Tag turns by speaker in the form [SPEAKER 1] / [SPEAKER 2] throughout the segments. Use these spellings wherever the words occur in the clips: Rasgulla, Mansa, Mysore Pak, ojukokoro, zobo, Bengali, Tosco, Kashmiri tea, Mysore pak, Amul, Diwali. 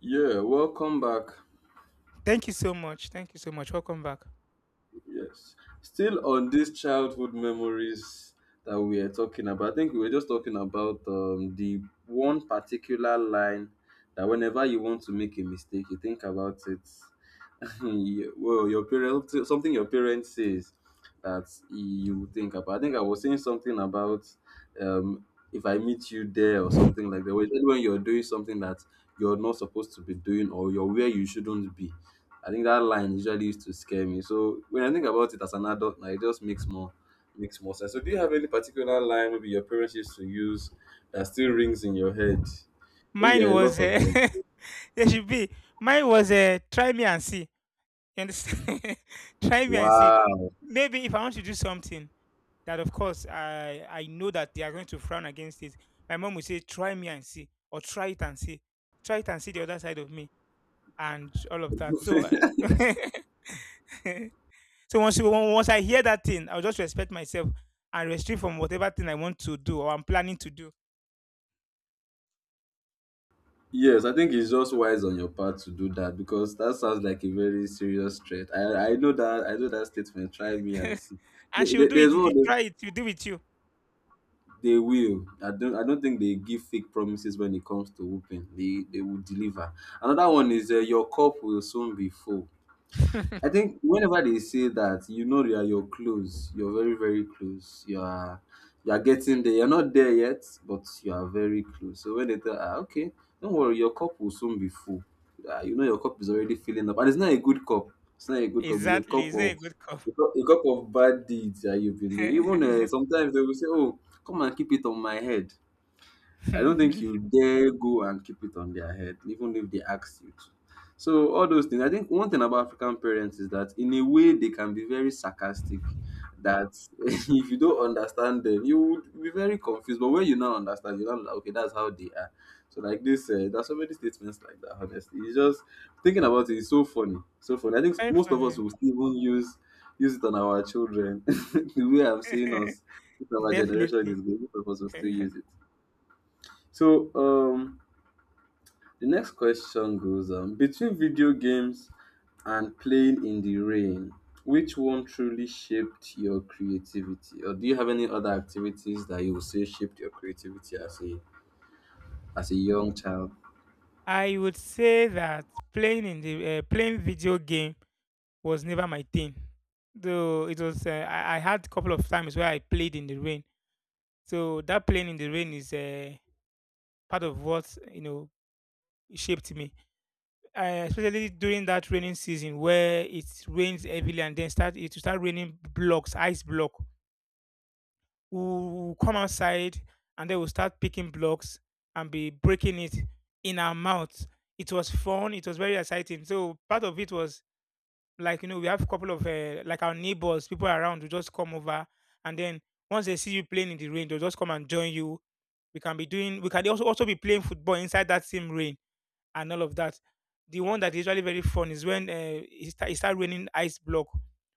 [SPEAKER 1] Yeah, welcome back.
[SPEAKER 2] Thank you so much. Thank you so much. Welcome back.
[SPEAKER 1] Yes. Still on these childhood memories that we are talking about. I think we were just talking about the one particular line that whenever you want to make a mistake, you think about it. Yeah, well, your parents, something your parents says that you think about. I think I was saying something about um, if I meet you there or something like that. When you're doing something that you're not supposed to be doing or you're where you shouldn't be. I think that line usually used to scare me. So when I think about it as an adult, now it just makes more sense. So do you have any particular line maybe your parents used to use that still rings in your head? I think
[SPEAKER 2] Mine
[SPEAKER 1] there are a
[SPEAKER 2] was
[SPEAKER 1] lot of them.
[SPEAKER 2] there should be. Mine was try me and see. You understand? Try me and see.
[SPEAKER 1] Wow.
[SPEAKER 2] Maybe if I want to do something that, of course, I know that they are going to frown against it. My mom would say, try me and see, or try it and see, try it and see the other side of me, and all of that. So, I so once I hear that thing, I'll just respect myself and restrict from whatever thing I want to do or I'm planning to do.
[SPEAKER 1] Yes, I think it's just wise on your part to do that because that sounds like a very serious threat. I know that I know that statement. Try me and see.
[SPEAKER 2] And
[SPEAKER 1] There-
[SPEAKER 2] she'll
[SPEAKER 1] there-
[SPEAKER 2] do
[SPEAKER 1] There's
[SPEAKER 2] it if you
[SPEAKER 1] one
[SPEAKER 2] try it. She'll do with you.
[SPEAKER 1] they will. I don't think they give fake promises when it comes to whooping. They will deliver. Another one is your cup will soon be full. I think whenever they say that, you know you're close. You're very, very close. You are getting there. You're not there yet, but you are very close. So when they tell ah, okay, don't worry, your cup will soon be full. Ah, you know your cup is already filling up. And it's not a good cup. It's not a good cup, it's
[SPEAKER 2] Exactly, it's not a good cup.
[SPEAKER 1] a cup of bad deeds that you've been doing. Even sometimes they will say, oh, come and keep it on my head. I don't think you dare go and keep it on their head, even if they ask you to. So all those things. I think one thing about African parents is that in a way they can be very sarcastic. That, if you don't understand them, you would be very confused. But when you now understand, you now be like, okay, that's how they are. So like this, there's so many statements like that. Honestly, it's just thinking about it is so funny, so funny. I think
[SPEAKER 2] Very
[SPEAKER 1] most of us
[SPEAKER 2] funny.
[SPEAKER 1] will still even use use it on our children. The way I'm seeing us, with our generation is
[SPEAKER 2] Definitely.
[SPEAKER 1] good. Most of us will still use it. So the next question goes between video games and playing in the rain, which one truly shaped your creativity? Or do you have any other activities that you would say shaped your creativity as a young child?
[SPEAKER 2] I would say that playing in the playing video game was never my thing. Though it was, I had a couple of times where I played in the rain. So that playing in the rain is part of what you know shaped me. Especially during that raining season where it rains heavily and then start it will start raining blocks, ice block. We'll come outside and then we'll start picking blocks and be breaking it in our mouths. It was fun. It was very exciting. So part of it was like you know we have a couple of like our neighbors, people around who just come over and then once they see you playing in the rain, they'll just come and join you. We can be doing. We can also be playing football inside that same rain and all of that. The one that is usually very fun is when it start raining ice block.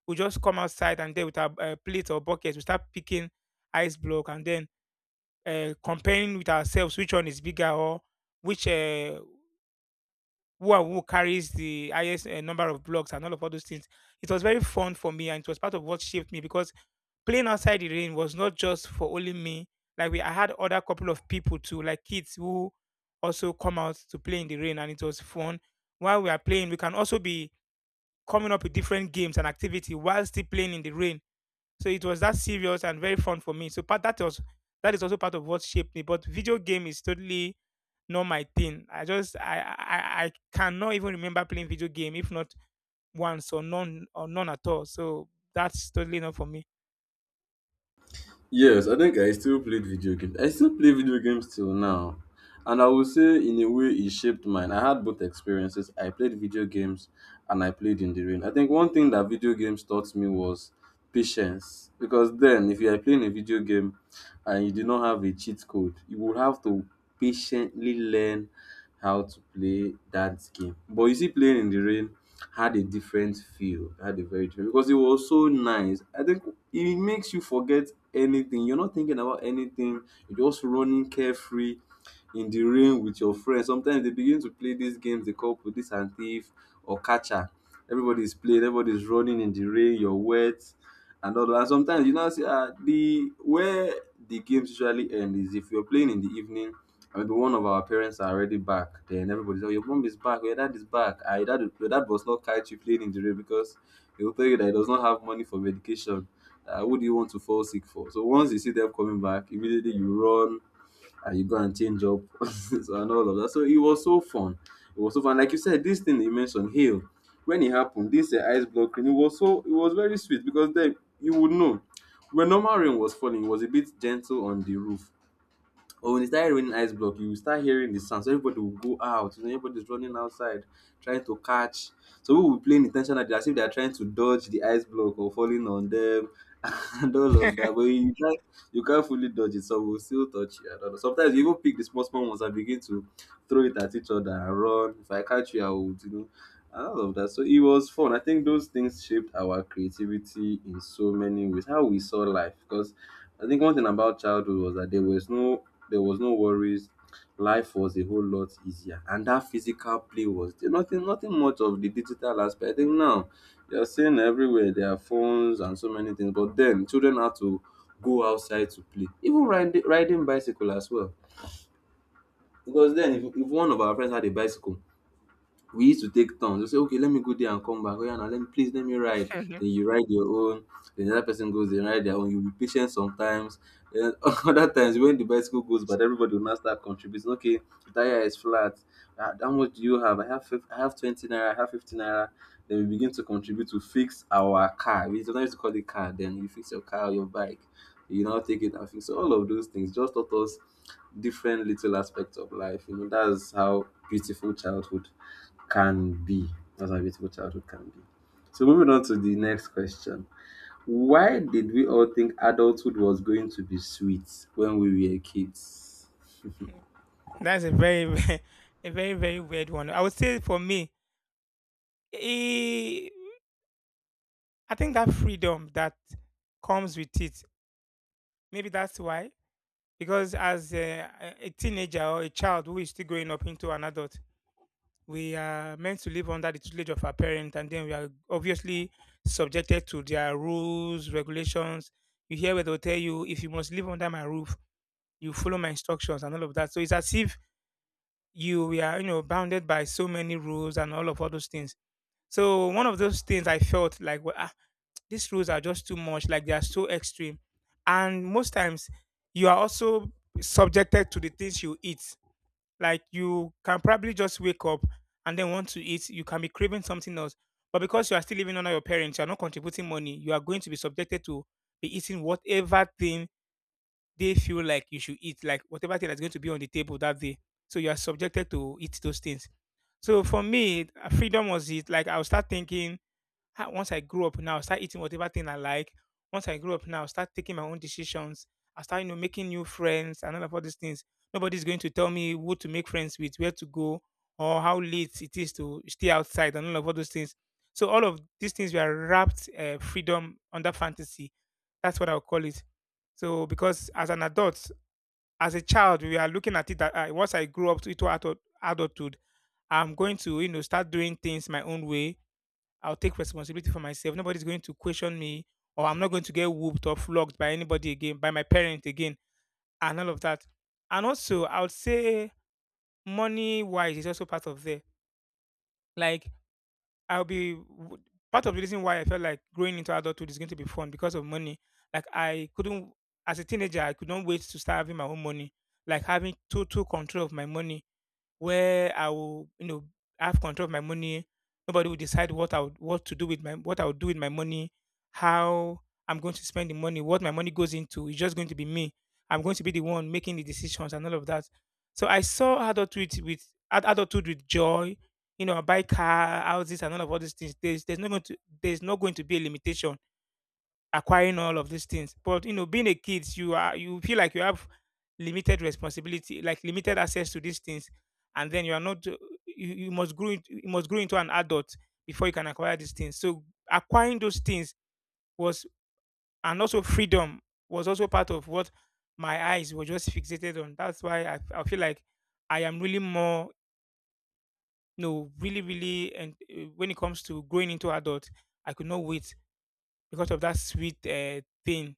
[SPEAKER 2] We just come outside and then with our plate or bucket, we start picking ice block and then comparing with ourselves which one is bigger or which who and who carries the highest number of blocks and all of all those things. It was very fun for me and it was part of what shaped me because playing outside the rain was not just for only me. I had other couple of people too, like kids who also come out to play in the rain, and it was fun. While we are playing, we can also be coming up with different games and activity while still playing in the rain. So it was that serious and very fun for me. So part that was that is also part of what shaped me. But video game is totally not my thing. I just I cannot even remember playing video game if not once or none at all. So that's totally not for me.
[SPEAKER 1] Yes, I think I still played video games. I still play video games till now. And I will say, in a way, it shaped mine. I had both experiences. I played video games and I played in the rain. I think one thing that video games taught me was patience. Because then, if you are playing a video game and you do not have a cheat code, you will have to patiently learn how to play that game. But you see, playing in the rain had a different feel, had a very different because it was so nice. I think it makes you forget anything. You're not thinking about anything. You're just running carefree in the rain with your friends. Sometimes they begin to play these games they call police and thief or catcher. Everybody is playing, everybody is running in the rain, you're wet and all that. And sometimes you now see ah the where the games usually end is if you're playing in the evening and maybe one of our parents are already back, then everybody's like, your mom is back, your dad is back. Ah, your dad was not catch you playing in the rain because he will tell you that he does not have money for medication. Who do you want to fall sick for? So once you see them coming back, immediately you run and you go and change up. So and all of that. So it was so fun. It was so fun. Like you said, this thing you mentioned, hail, when it happened, this ice block rain, it was very sweet because then you would know when normal rain was falling, it was a bit gentle on the roof. Or when it started raining ice block, you will start hearing the sound. So everybody will go out. You know, everybody's running outside, trying to catch. So people will play intentionally as if they are trying to dodge the ice block or falling on them. And all of that. But you can't fully dodge it, so we'll still touch you. I don't know. Sometimes you even pick the small small ones and begin to throw it at each other and run. If I catch you, I would, you know. And all of that. So it was fun. I think those things shaped our creativity in so many ways. How we saw life. Because I think one thing about childhood was that there was no worries. Life was a whole lot easier, and that physical play was there. Nothing much of the digital aspect. I think now you're seeing everywhere there are phones and so many things. But then children had to go outside to play, even riding bicycle as well. Because then, if one of our friends had a bicycle, we used to take turns. You say, okay, let me go there and come back. Oh, yeah, now let me ride. Then you ride your own. Then the other person goes, they ride their own. You'll be patient sometimes. Then other times when the bicycle goes, but everybody will now start contributing. Okay, the tire is flat. Ah, how much do you have? I have 20 naira. I have 50 naira. Then we begin to contribute to fix our car. We sometimes used to call it car. Then you fix your car, your bike. You now take it and fix. So all of those things just taught us different little aspects of life. You know, that's how beautiful childhood can be. That's how beautiful childhood can be. So moving on to the next question. Why did we all think adulthood was going to be sweet when we were kids?
[SPEAKER 2] That's a very, very, a very, very weird one. I would say for me, eh, I think that freedom that comes with it, maybe that's why. Because as a teenager or a child who is still growing up into an adult, we are meant to live under the tutelage of our parents, and then we are obviously subjected to their rules, regulations. You hear where they'll tell you, if you must live under my roof, you follow my instructions and all of that. So it's as if you we are, you know, bounded by so many rules and all of all those things. So one of those things I felt like, well, ah, these rules are just too much. Like they are so extreme, and most times you are also subjected to the things you eat. Like you can probably just wake up and then want to eat. You can be craving something else, but because you are still living under your parents, you are not contributing money. You are going to be subjected to be eating whatever thing they feel like you should eat, like whatever thing that's going to be on the table that day. So you are subjected to eat those things. So for me, freedom was it. Like I'll start thinking, ah, once I grow up now, I'll start eating whatever thing I like. Once I grow up now, I'll start taking my own decisions. I'll start, you know, making new friends and all of all these things. Nobody's going to tell me who to make friends with, where to go, or how late it is to stay outside and all of all those things. So all of these things were wrapped freedom under fantasy. That's what I'll call it. So because as an adult, as a child, we are looking at it that once I grow up to adult, adulthood, I'm going to, you know, start doing things my own way. I'll take responsibility for myself. Nobody's going to question me, or I'm not going to get whooped or flogged by anybody again, by my parent again, and all of that. And also, I would say money wise is also part of there. Like, I'll be w- part of the reason why I felt like growing into adulthood is going to be fun because of money. Like, I couldn't, as a teenager, I could not wait to start having my own money, like having total control of my money where I will, you know, have control of my money. Nobody will decide what to do with my what I would do with my money, how I'm going to spend the money, what my money goes into. It's just going to be me. I'm going to be the one making the decisions and all of that. So I saw adulthood with joy. You know, I buy car, houses, and all of all these things. There's not going to be a limitation acquiring all of these things. But you know, being a kid, you are you feel like you have limited responsibility, like limited access to these things, and then you are not. You must you must grow into an adult before you can acquire these things. So acquiring those things was, and also freedom was also part of what my eyes were just fixated on. That's why I feel like I am really more, you know, really, really, and when it comes to growing into adult, I could not wait because of that sweet thing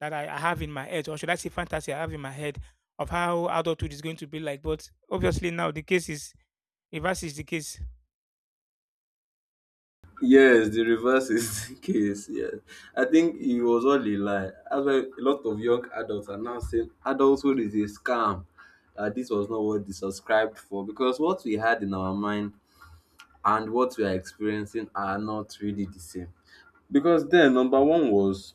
[SPEAKER 2] that I have in my head, or should I say fantasy I have in my head of how adulthood is going to be like. But obviously now the case is reverse is the case.
[SPEAKER 1] Yes, the reverse is the case. Yes, I think it was all a lie. That's why a lot of young adults are now saying adulthood is a scam. That this was not what they subscribed for because what we had in our mind and what we are experiencing are not really the same. Because then, number one was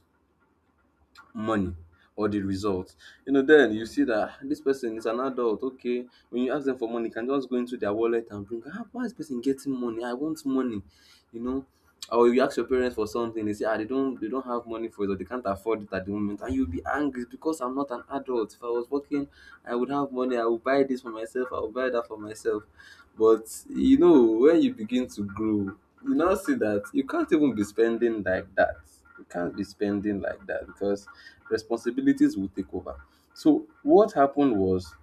[SPEAKER 1] money or the results. You know, then you see that, "Ah, this person is an adult, okay. When you ask them for money, you can just go into their wallet and bring, ah, why is this person getting money? I want money, you know." Or you ask your parents for something, they say, ah, they don't have money for it, or they can't afford it at the moment, and you'll be angry because I'm not an adult. If I was working, I would have money. I would buy this for myself. I would buy that for myself. But you know when you begin to grow, you now see that you can't even be spending like that. You can't be spending like that because responsibilities will take over. So what happened was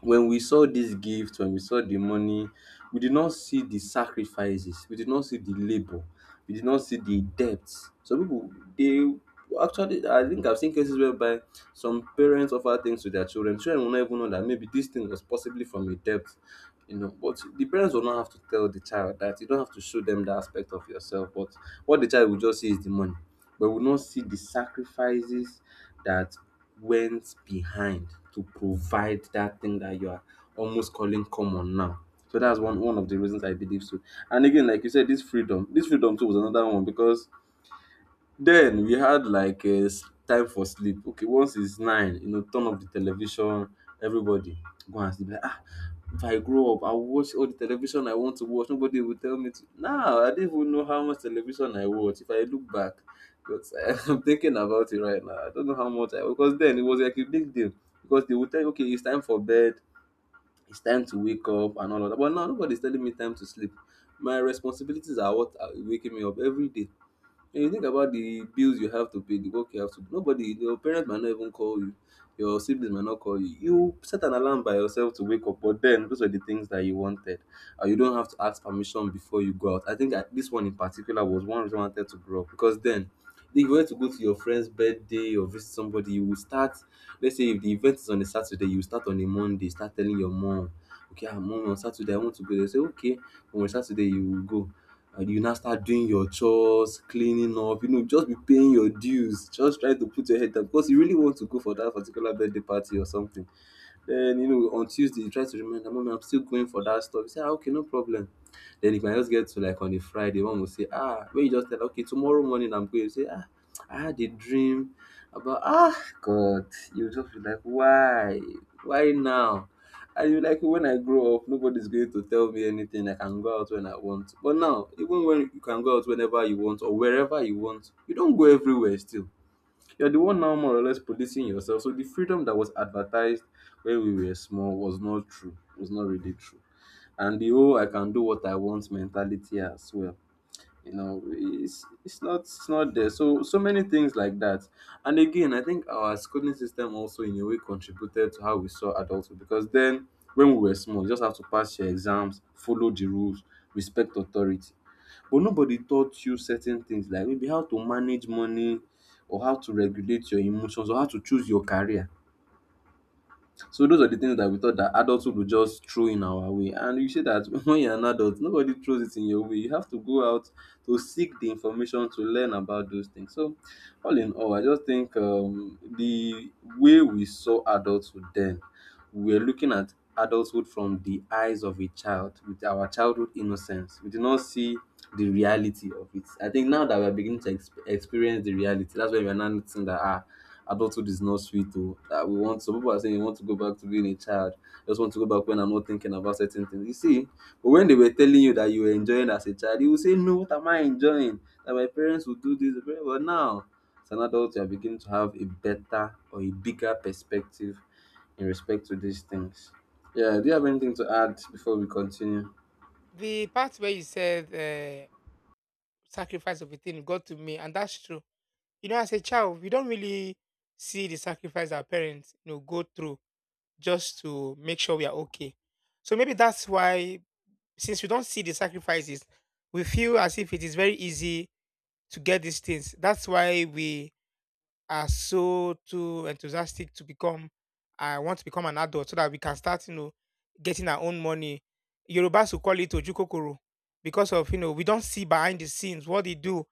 [SPEAKER 1] when we saw this gift, when we saw the money, we did not see the sacrifices, we did not see the labor, we did not see the debts. Some people they actually, I think I've seen cases whereby some parents offer things to their children. Children will not even know that maybe this thing was possibly from a debt, you know, but the parents will not have to tell the child that, you don't have to show them that aspect of yourself, but what the child will just see is the money but will not see the sacrifices that went behind to provide that thing that you are almost calling common now. So that's one of the reasons I believe. So, and again, like you said, this freedom too was another one because then we had like a time for sleep. Okay, once it's 9, you know, turn off the television, everybody go and sleep. Like, ah, if I grow up, I'll watch all the television I want to watch. Nobody will tell me to. Now, I didn't even know how much television I watch. If I look back, because I'm thinking about it right now. I don't know how much I because then it was like a big deal because they would tell you, okay, it's time for bed, it's time to wake up and all of that. But now nobody's telling me time to sleep. My responsibilities are what are waking me up every day. When you think about the bills you have to pay, the work you have to do, nobody, your parents might not even call you, your siblings might not call you. You set an alarm by yourself to wake up, but then those are the things that you wanted. You don't have to ask permission before you go out. I think that this one in particular was one reason I wanted to grow up because then. If you were to go to your friend's birthday or visit somebody, you will start. Let's say if the event is on a Saturday, you start on a Monday. Start telling your mom, okay, mom, on Saturday I want to go. They say okay, on Saturday you will go and you now start doing your chores, cleaning up, just be paying your dues, just try to put your head down because you really want to go for that particular birthday party or something. Then, on Tuesday, you try to remember, Mommy, I'm still going for that stuff. You say, ah, okay, no problem. Then you can just get to like on a Friday, one will say, ah, when you just tell, okay, tomorrow morning I'm going, you say, ah, I had a dream about, ah, God, you just be like, why? Why now? I feel like when I grow up, nobody's going to tell me anything. I can go out when I want. But now, even when you can go out whenever you want or wherever you want, you don't go everywhere still. You're the one now more or less policing yourself. So the freedom that was advertised when we were small was not true. Was not really true. And the whole I can do what I want mentality as well, you know, it's not, it's not there, so so many things like that. And again, I think our schooling system also in a way contributed to how we saw adulthood, because then when we were small you just have to pass your exams, follow the rules, respect authority. But nobody taught you certain things, like maybe how to manage money or how to regulate your emotions or how to choose your career. So those are the things that we thought that adulthood would just throw in our way. And you say that when you're an adult, nobody throws it in your way. You have to go out to seek the information, to learn about those things. So all in all, I just think the way we saw adulthood then, we were looking at adulthood from the eyes of a child with our childhood innocence. We did not see the reality of it. I think now that we're beginning to experience the reality, that's why we're now noticing that ah, adulthood is not sweet though. That we want, some people are saying you want to go back to being a child. You just want to go back when I'm not thinking about certain things. You see, but when they were telling you that you were enjoying as a child, you would say, no, what am I enjoying? That my parents would do this, but now as an adult, you are beginning to have a better or a bigger perspective in respect to these things. Yeah, do you have anything to add before we continue?
[SPEAKER 2] The part where you said sacrifice of a thing got to me, and that's true. You know, as a child, we don't really see the sacrifice our parents you know go through just to make sure we are okay. So maybe that's why, since we don't see the sacrifices, we feel as if it is very easy to get these things. That's why we are so too enthusiastic to become, I want to become an adult so that we can start, you know, getting our own money. Yorubas will call it ojukokoro because of, you know, we don't see behind the scenes what they do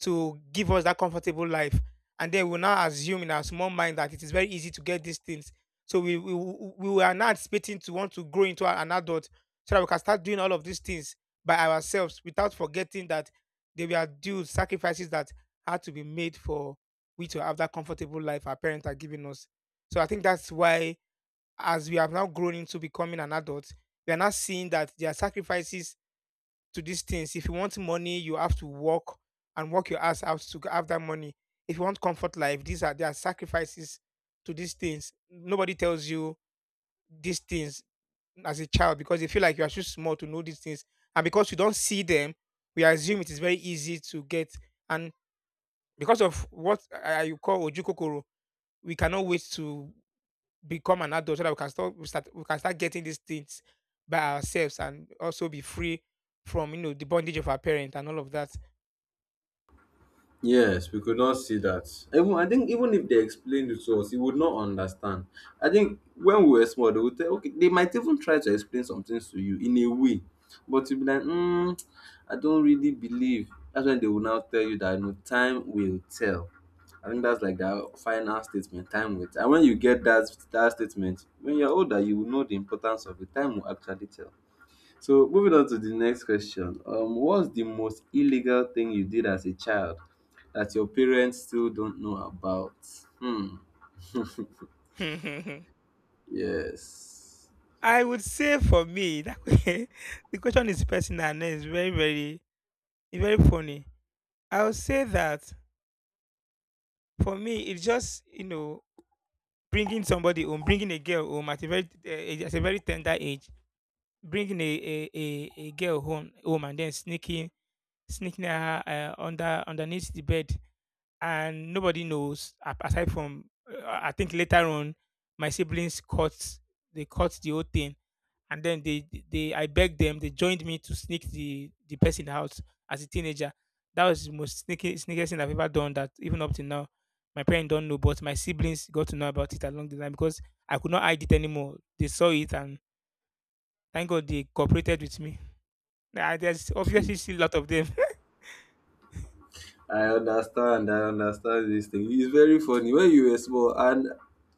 [SPEAKER 2] to give us that comfortable life. And then we now assume in our small mind that it is very easy to get these things. So we are now anticipating to want to grow into an adult so that we can start doing all of these things by ourselves without forgetting that there were due sacrifices that had to be made for we to have that comfortable life our parents are giving us. So I think that's why, as we have now grown into becoming an adult, we are now seeing that there are sacrifices to these things. If you want money, you have to work and work your ass out to have that money. If you want comfort life, these are there are sacrifices to these things. Nobody tells you these things as a child because they feel like you are too small to know these things. And because you don't see them, we assume it is very easy to get. And because of what you call ojukokoro, we cannot wait to become an adult so that we can start we can start getting these things by ourselves and also be free from you know the bondage of our parent and all of that.
[SPEAKER 1] Yes, we could not see that. Even I think even if they explained it to us, we would not understand. I think when we were small, they would tell okay, they might even try to explain some things to you in a way, but you'd be like, mm, I don't really believe. That's when they will now tell you that, no, time will tell. I think that's like their final statement. Time will tell. And when you get that statement, when you're older, you will know the importance of it. Time will actually tell. So moving on to the next question. What's the most illegal thing you did as a child that your parents still don't know about? Hmm. Yes.
[SPEAKER 2] I would say for me that the question is personal and it's very very it's very funny. I would say that for me it's just bringing somebody home, bringing a girl home at a very tender age, bringing a girl home and then sneaking her underneath the bed and nobody knows aside from I think later on my siblings caught the whole thing, and then they I begged them, they joined me to sneak the person out as a teenager. That was the most sneaky sneakiest thing I've ever done, that even up to now my parents don't know, but my siblings got to know about it along the line because I could not hide it anymore. They saw it, and thank God they cooperated with me. Nah, there's obviously still a lot of them.
[SPEAKER 1] I understand. I understand this thing. It's very funny. When you were small, and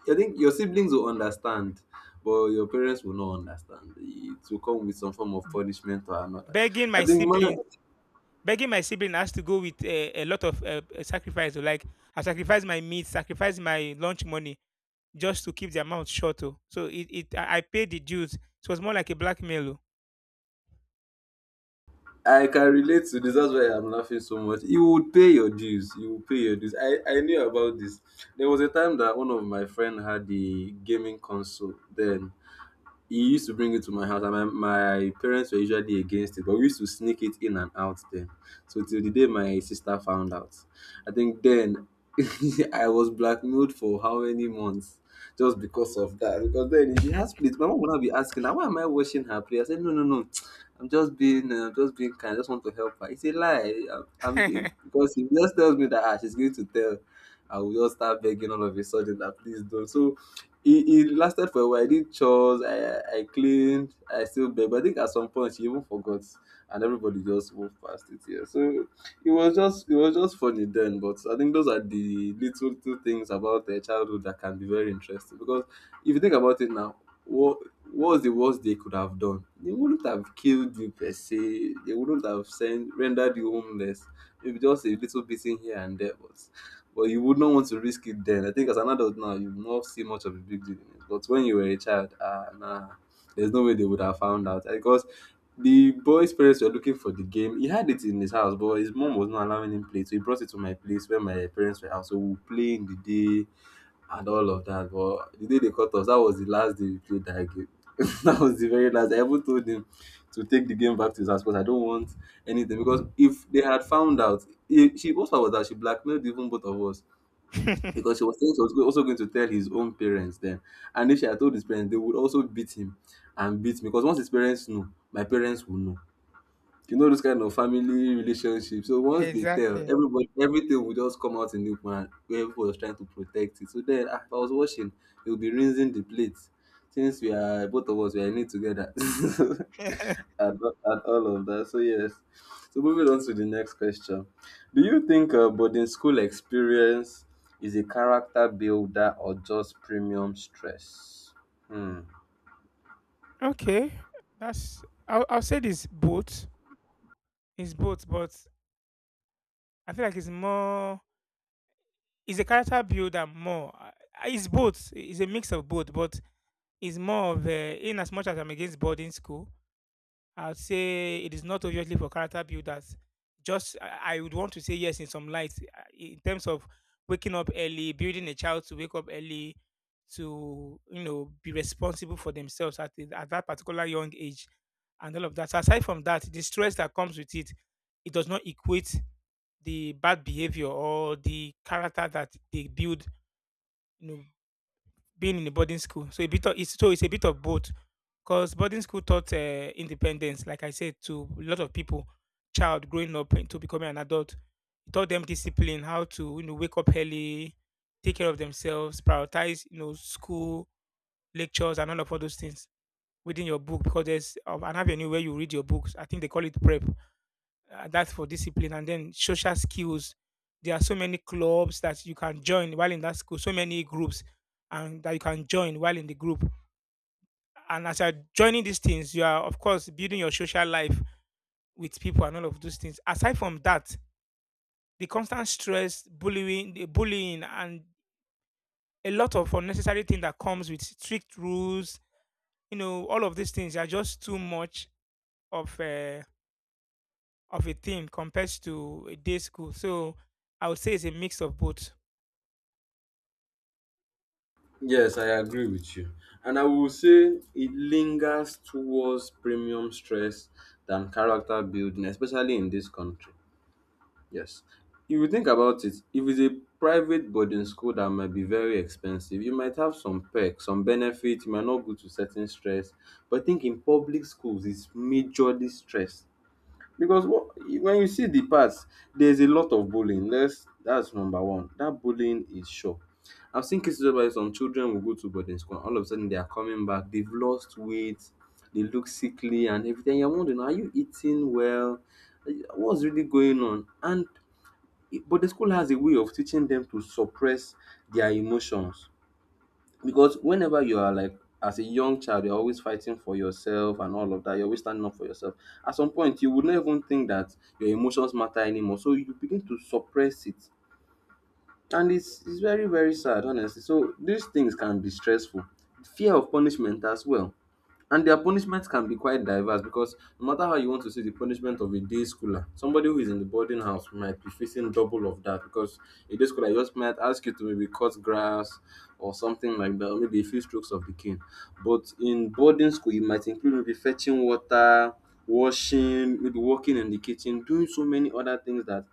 [SPEAKER 1] I think your siblings will understand, but your parents will not understand. It will come with some form of punishment or another.
[SPEAKER 2] begging
[SPEAKER 1] I
[SPEAKER 2] my
[SPEAKER 1] think
[SPEAKER 2] siblings
[SPEAKER 1] mine,
[SPEAKER 2] begging my sibling has to go with a lot of sacrifice oh, like I sacrifice my meat, sacrifice my lunch money just to keep the amount short oh. So it I paid the dues, so it was more like a blackmail
[SPEAKER 1] I can relate to this. That's why I'm laughing so much. You would pay your dues. You would pay your dues. I knew about this. There was a time that one of my friend had the gaming console. Then he used to bring it to my house and my parents were usually against it, but we used to sneak it in and out then, so till the day my sister found out, I think then, I was blackmailed for how many months just because of that. Because then, if she has plates, my mom would not be asking her why am I washing her plate. I said, no, no, no, I'm just being kind, I just want to help her. It's a lie. I'm being because he just tells me that ah, she's going to tell, and we all start begging all of a sudden that please don't. So it lasted for a while. I did chores, I cleaned, I still begged. But I think at some point she even forgot, and everybody just moved past it here. So it was just, it was just funny then. But I think those are the little two things about their childhood that can be very interesting. Because if you think about it now, what what was the worst they could have done? They wouldn't have killed you per se. They wouldn't have sent rendered you homeless. Maybe just a little beating here and there. But you would not want to risk it then. I think as an adult now, you will not see much of a big deal in it. But when you were a child, ah, nah, there's no way they would have found out. Because the boy's parents were looking for the game. He had it in his house, but his mom was not allowing him play. So he brought it to my place where my parents were out. So we would play in the day and all of that. But the day they caught us, that was the last day we played that game. That was the very last. I even told him to take the game back to his house because I don't want anything. Because if they had found out, it, she also was that she blackmailed even both of us,
[SPEAKER 2] oh.
[SPEAKER 1] because he was saying he was also going to tell his own parents then. And if she had told his parents, they would also beat him and beat me. Because once his parents know, my parents will know, you know, those kind of family relationship. So once they tell,
[SPEAKER 2] Exactly.
[SPEAKER 1] everybody, everything will just come out in the open, and where everybody was trying to protect it. So then ah, if I was watching, they will be rinsing the plates. Since we are both of us, we are in it together. And all of that. So yes. So moving on to the next question. Do you think boarding school experience is a character builder or just premium stress? Hmm.
[SPEAKER 2] Okay, that's. I'll say this both. It's both, but I feel like it's more. It's a character builder more. It's both. It's a mix of both, but it's more of a, in as much as I'm against boarding school. I'd say it is not obviously for character builders. Just I would want to say yes in some lights in terms of waking up early, building a child to wake up early, to be responsible for themselves at at that particular young age, and all of that. So aside from that, the stress that comes with it, it does not equate the bad behavior or the character that they build. You know, being in a boarding school, so a bit of it's a bit of both because boarding school taught independence, like I said, to a lot of people, child growing up into becoming an adult. It taught them discipline, how to wake up early, take care of themselves, prioritize school lectures and all of all those things within your book because there's an avenue where you read your books. I think they call it prep. That's for discipline and then social skills. There are so many clubs that you can join while in that school, so many groups and that you can join while in the group, and as you're joining these things, you are of course building your social life with people and all of those things. Aside from that, the constant stress, bullying, the bullying, and a lot of unnecessary thing that comes with strict rules, you know, all of these things are just too much of a thing compared to a day school. So I would say it's a mix of both.
[SPEAKER 1] Yes, I agree with you. And I will say it lingers towards premium stress than character building, especially in this country. Yes. If you think about it, if it's a private boarding school that might be very expensive, you might have some perks, some benefits, you might not go to certain stress. But I think in public schools, it's majorly stress, because what, when you see the past, there's a lot of bullying. That's number one. That bullying is sure. I've seen cases where some children will go to boarding school and all of a sudden they are coming back, they've lost weight, they look sickly and everything. You're wondering, are you eating well? What's really going on? And but the school has a way of teaching them to suppress their emotions, because whenever you are, like, as a young child, you're always fighting for yourself and all of that, you're always standing up for yourself. At some point you would not even think that your emotions matter anymore, so you begin to suppress it, and it's very, very sad, honestly. So these things can be stressful. Fear of punishment as well. And their punishments can be quite diverse, because no matter how you want to see the punishment of a day schooler, somebody who is in the boarding house might be facing double of that. Because a day schooler just might ask you to maybe cut grass or something like that, or maybe a few strokes of the cane. But in boarding school you might include maybe fetching water, washing, maybe working in the kitchen, doing so many other things that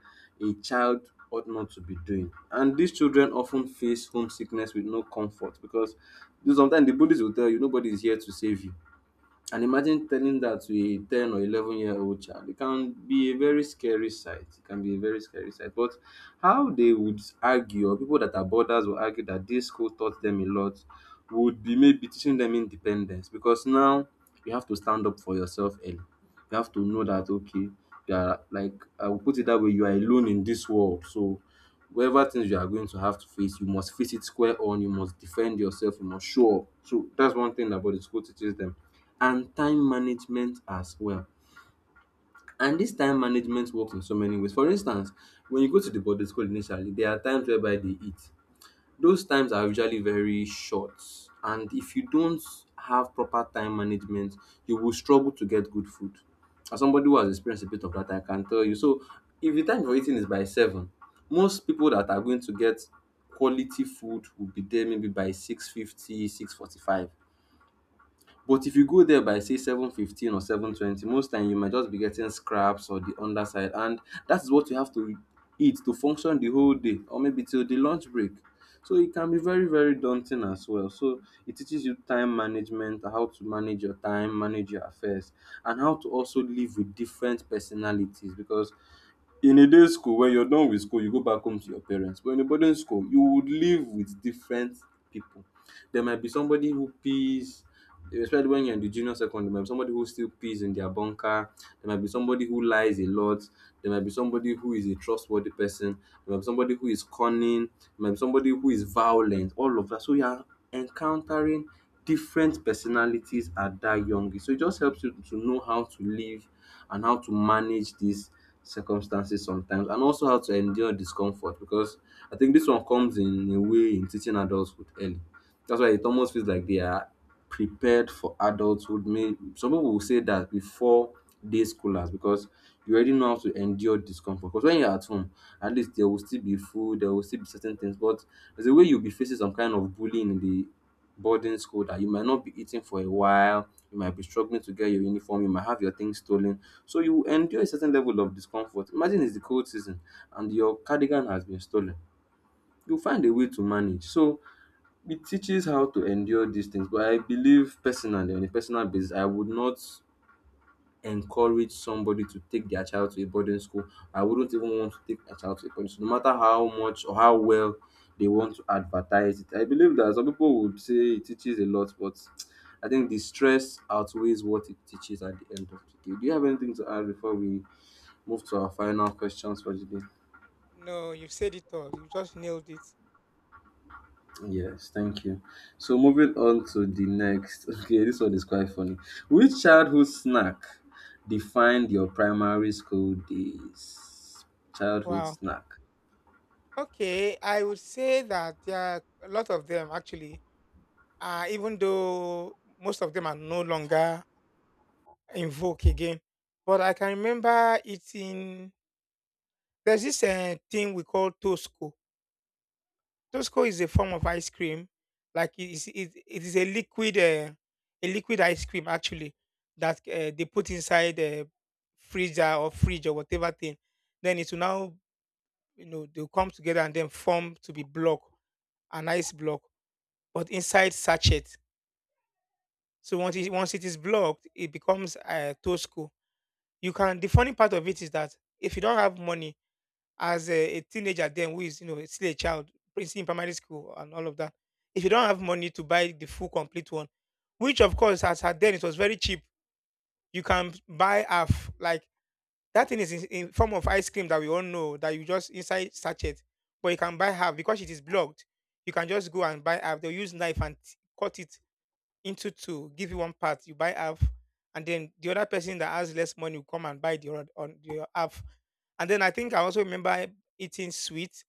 [SPEAKER 1] a child ought not to be doing. And these children often face homesickness with no comfort, because, you know, sometimes the bullies will tell you nobody is here to save you. And imagine telling that to a 10 or 11-year-old child. It can be a very scary sight. It can be a very scary sight. But how they would argue, or people that are borders will argue that this school taught them a lot, would be maybe teaching them independence. Because now you have to stand up for yourself early. You have to know that, okay, you are, like, I will put it that way, you are alone in this world. So whatever things you are going to have to face, you must face it square on, you must defend yourself, you must show up. So that's one thing about the school teaches them. And time management as well. And this time management works in so many ways. For instance, when you go to the boarding school initially, there are times whereby they eat. Those times are usually very short, and if you don't have proper time management, you will struggle to get good food. As somebody who has experienced a bit of that, I can tell you. So if the time for eating is by 7, most people that are going to get quality food will be there maybe by 6:50, 6:45. But if you go there by say 7:15 or 7:20 most time, you might just be getting scraps or the underside, and that is what you have to eat to function the whole day, or maybe till the lunch break. So it can be very, very daunting as well. So it teaches you time management, how to manage your time, manage your affairs, and how to also live with different personalities. Because in a day school when you're done with school you go back home to your parents, but in a boarding school you would live with different people. There might be somebody who pees, especially when you're in the junior secondary. There might be somebody who still pees in their bunker. There might be somebody who lies a lot. There might be somebody who is a trustworthy person. There might be somebody who is cunning. There might be somebody who is violent. All of that. So you are encountering different personalities at that young age. So it just helps you to know how to live and how to manage these circumstances sometimes, and also how to endure discomfort. Because I think this one comes in a way in teaching adulthood early. That's why it almost feels like they are prepared for adulthood. May some people will say that before day scholars, because you already know how to endure discomfort. Because when you're at home, at least there will still be food, there will still be certain things. But there's a way you'll be facing some kind of bullying in the boarding school that you might not be eating for a while, you might be struggling to get your uniform, you might have your things stolen. So you endure a certain level of discomfort. Imagine it's the cold season and your cardigan has been stolen. You find a way to manage. So it teaches how to endure these things, but I believe personally, on a personal basis, I would not encourage somebody to take their child to a boarding school. I wouldn't even want to take a child to a boarding school, no matter how much or how well they want to advertise it. I believe that some people would say it teaches a lot, but I think the stress outweighs what it teaches at the end of the day. Do you have anything to add before we move to our final questions for today?
[SPEAKER 2] No, you said it all. You just nailed it.
[SPEAKER 1] Yes, thank you. So moving on to the next. Okay, this one is quite funny. Which childhood snack defined your primary school days? Childhood
[SPEAKER 2] Wow.
[SPEAKER 1] snack.
[SPEAKER 2] Okay, I would say that there are a lot of them actually, even though most of them are no longer in vogue again. But I can remember eating, there's this thing we call Tosco. Tosco is a form of ice cream, like it is a liquid ice cream actually that they put inside the freezer or fridge or whatever thing. Then it will now, you know, they'll come together and then form to be block, an ice block, but inside sachet. So once it is blocked, it becomes Tosco. You can, the funny part of it is that if you don't have money as a teenager then who is you know still a child prince in primary school and all of that, if you don't have money to buy the full complete one, which of course as at then it was very cheap, you can buy half. Like that thing is in form of ice cream that we all know that you just inside sachet, but you can buy half because it is blocked. You can just go and buy half, they'll use knife and cut it into two, give you one part, you buy half, and then the other person that has less money will come and buy the other on the half. And then I think I also remember eating sweet.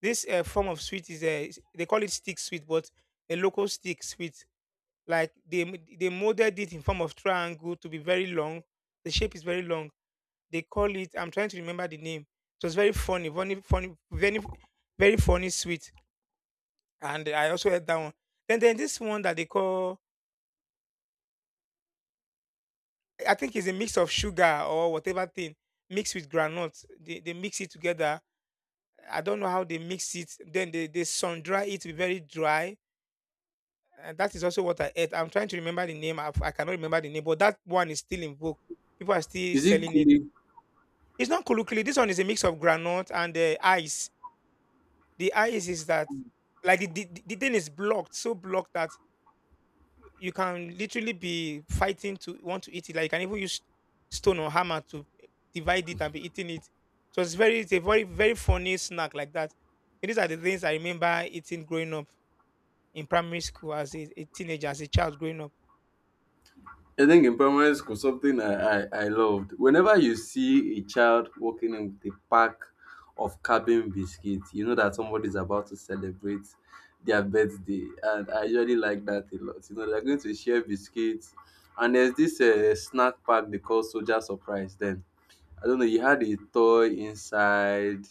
[SPEAKER 2] This form of sweet is a, they call it stick sweet, but a local stick sweet. Like they molded it in form of triangle to be very long. The shape is very long. They call it. I'm trying to remember the name. It was very funny, very funny sweet. And I also had that one. Then this one that they call. I think it's a mix of sugar or whatever thing mixed with granite. They mix it together, I don't know how they mix it. Then they sun dry it to be very dry. And that is also what I ate. I'm trying to remember the name. I cannot remember the name, but that one is still in vogue. People are still
[SPEAKER 1] Is it
[SPEAKER 2] selling it.
[SPEAKER 1] kule?
[SPEAKER 2] It's not colloquially. This one is a mix of granite and ice. The ice is that, like, the thing is blocked, so blocked that you can literally be fighting to want to eat it. Like, you can even use stone or hammer to divide it and be eating it. So it's very, it's a very, very funny snack like that. So these are the things I remember eating growing up, in primary school as a teenager, as a child growing up.
[SPEAKER 1] I, think in primary school, something I loved — whenever you see a child walking in with a pack of cabin biscuits, you know that somebody's about to celebrate their birthday. And I usually like that a lot. You know, they're going to share biscuits. And there's this snack pack they call Soldier Surprise then. I don't know, he had a toy inside.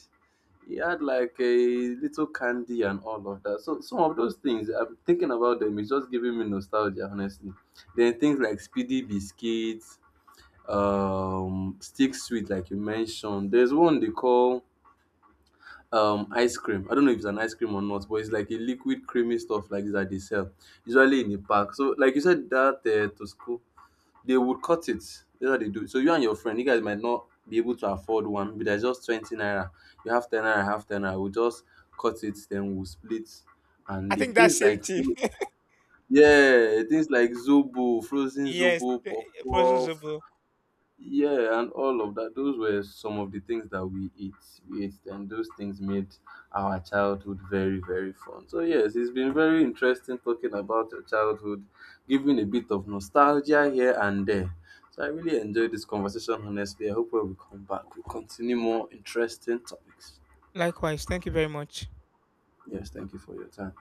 [SPEAKER 1] He had like a little candy and all of that. So some of those things, I'm thinking about them, it's just giving me nostalgia, honestly. Then things like speedy biscuits, stick sweet, like you mentioned. There's one they call ice cream. I don't know if it's an ice cream or not, but it's like a liquid creamy stuff like that they sell, usually in the park. So like you said, that to school they would cut it. That's what they do. So you and your friend, you guys might not be able to afford one, but there's just 20 naira. You have 10 naira, I have 10 naira. We'll just cut it, then we'll split and
[SPEAKER 2] I
[SPEAKER 1] lick
[SPEAKER 2] think that
[SPEAKER 1] things
[SPEAKER 2] same
[SPEAKER 1] like
[SPEAKER 2] thing.
[SPEAKER 1] fro- Yeah, things like zobo, frozen
[SPEAKER 2] Yes,
[SPEAKER 1] zobo,
[SPEAKER 2] eh,
[SPEAKER 1] puff
[SPEAKER 2] frozen
[SPEAKER 1] puff.
[SPEAKER 2] zobo.
[SPEAKER 1] Yeah, and all of that. Those were some of the things that we ate. We ate, and those things made our childhood very, very fun. So yes, it's been very interesting talking about your childhood, giving a bit of nostalgia here and there. So I really enjoyed this conversation, honestly. I hope when we come back, we continue more interesting topics.
[SPEAKER 2] Likewise, thank you very much.
[SPEAKER 1] Yes, thank you for your time.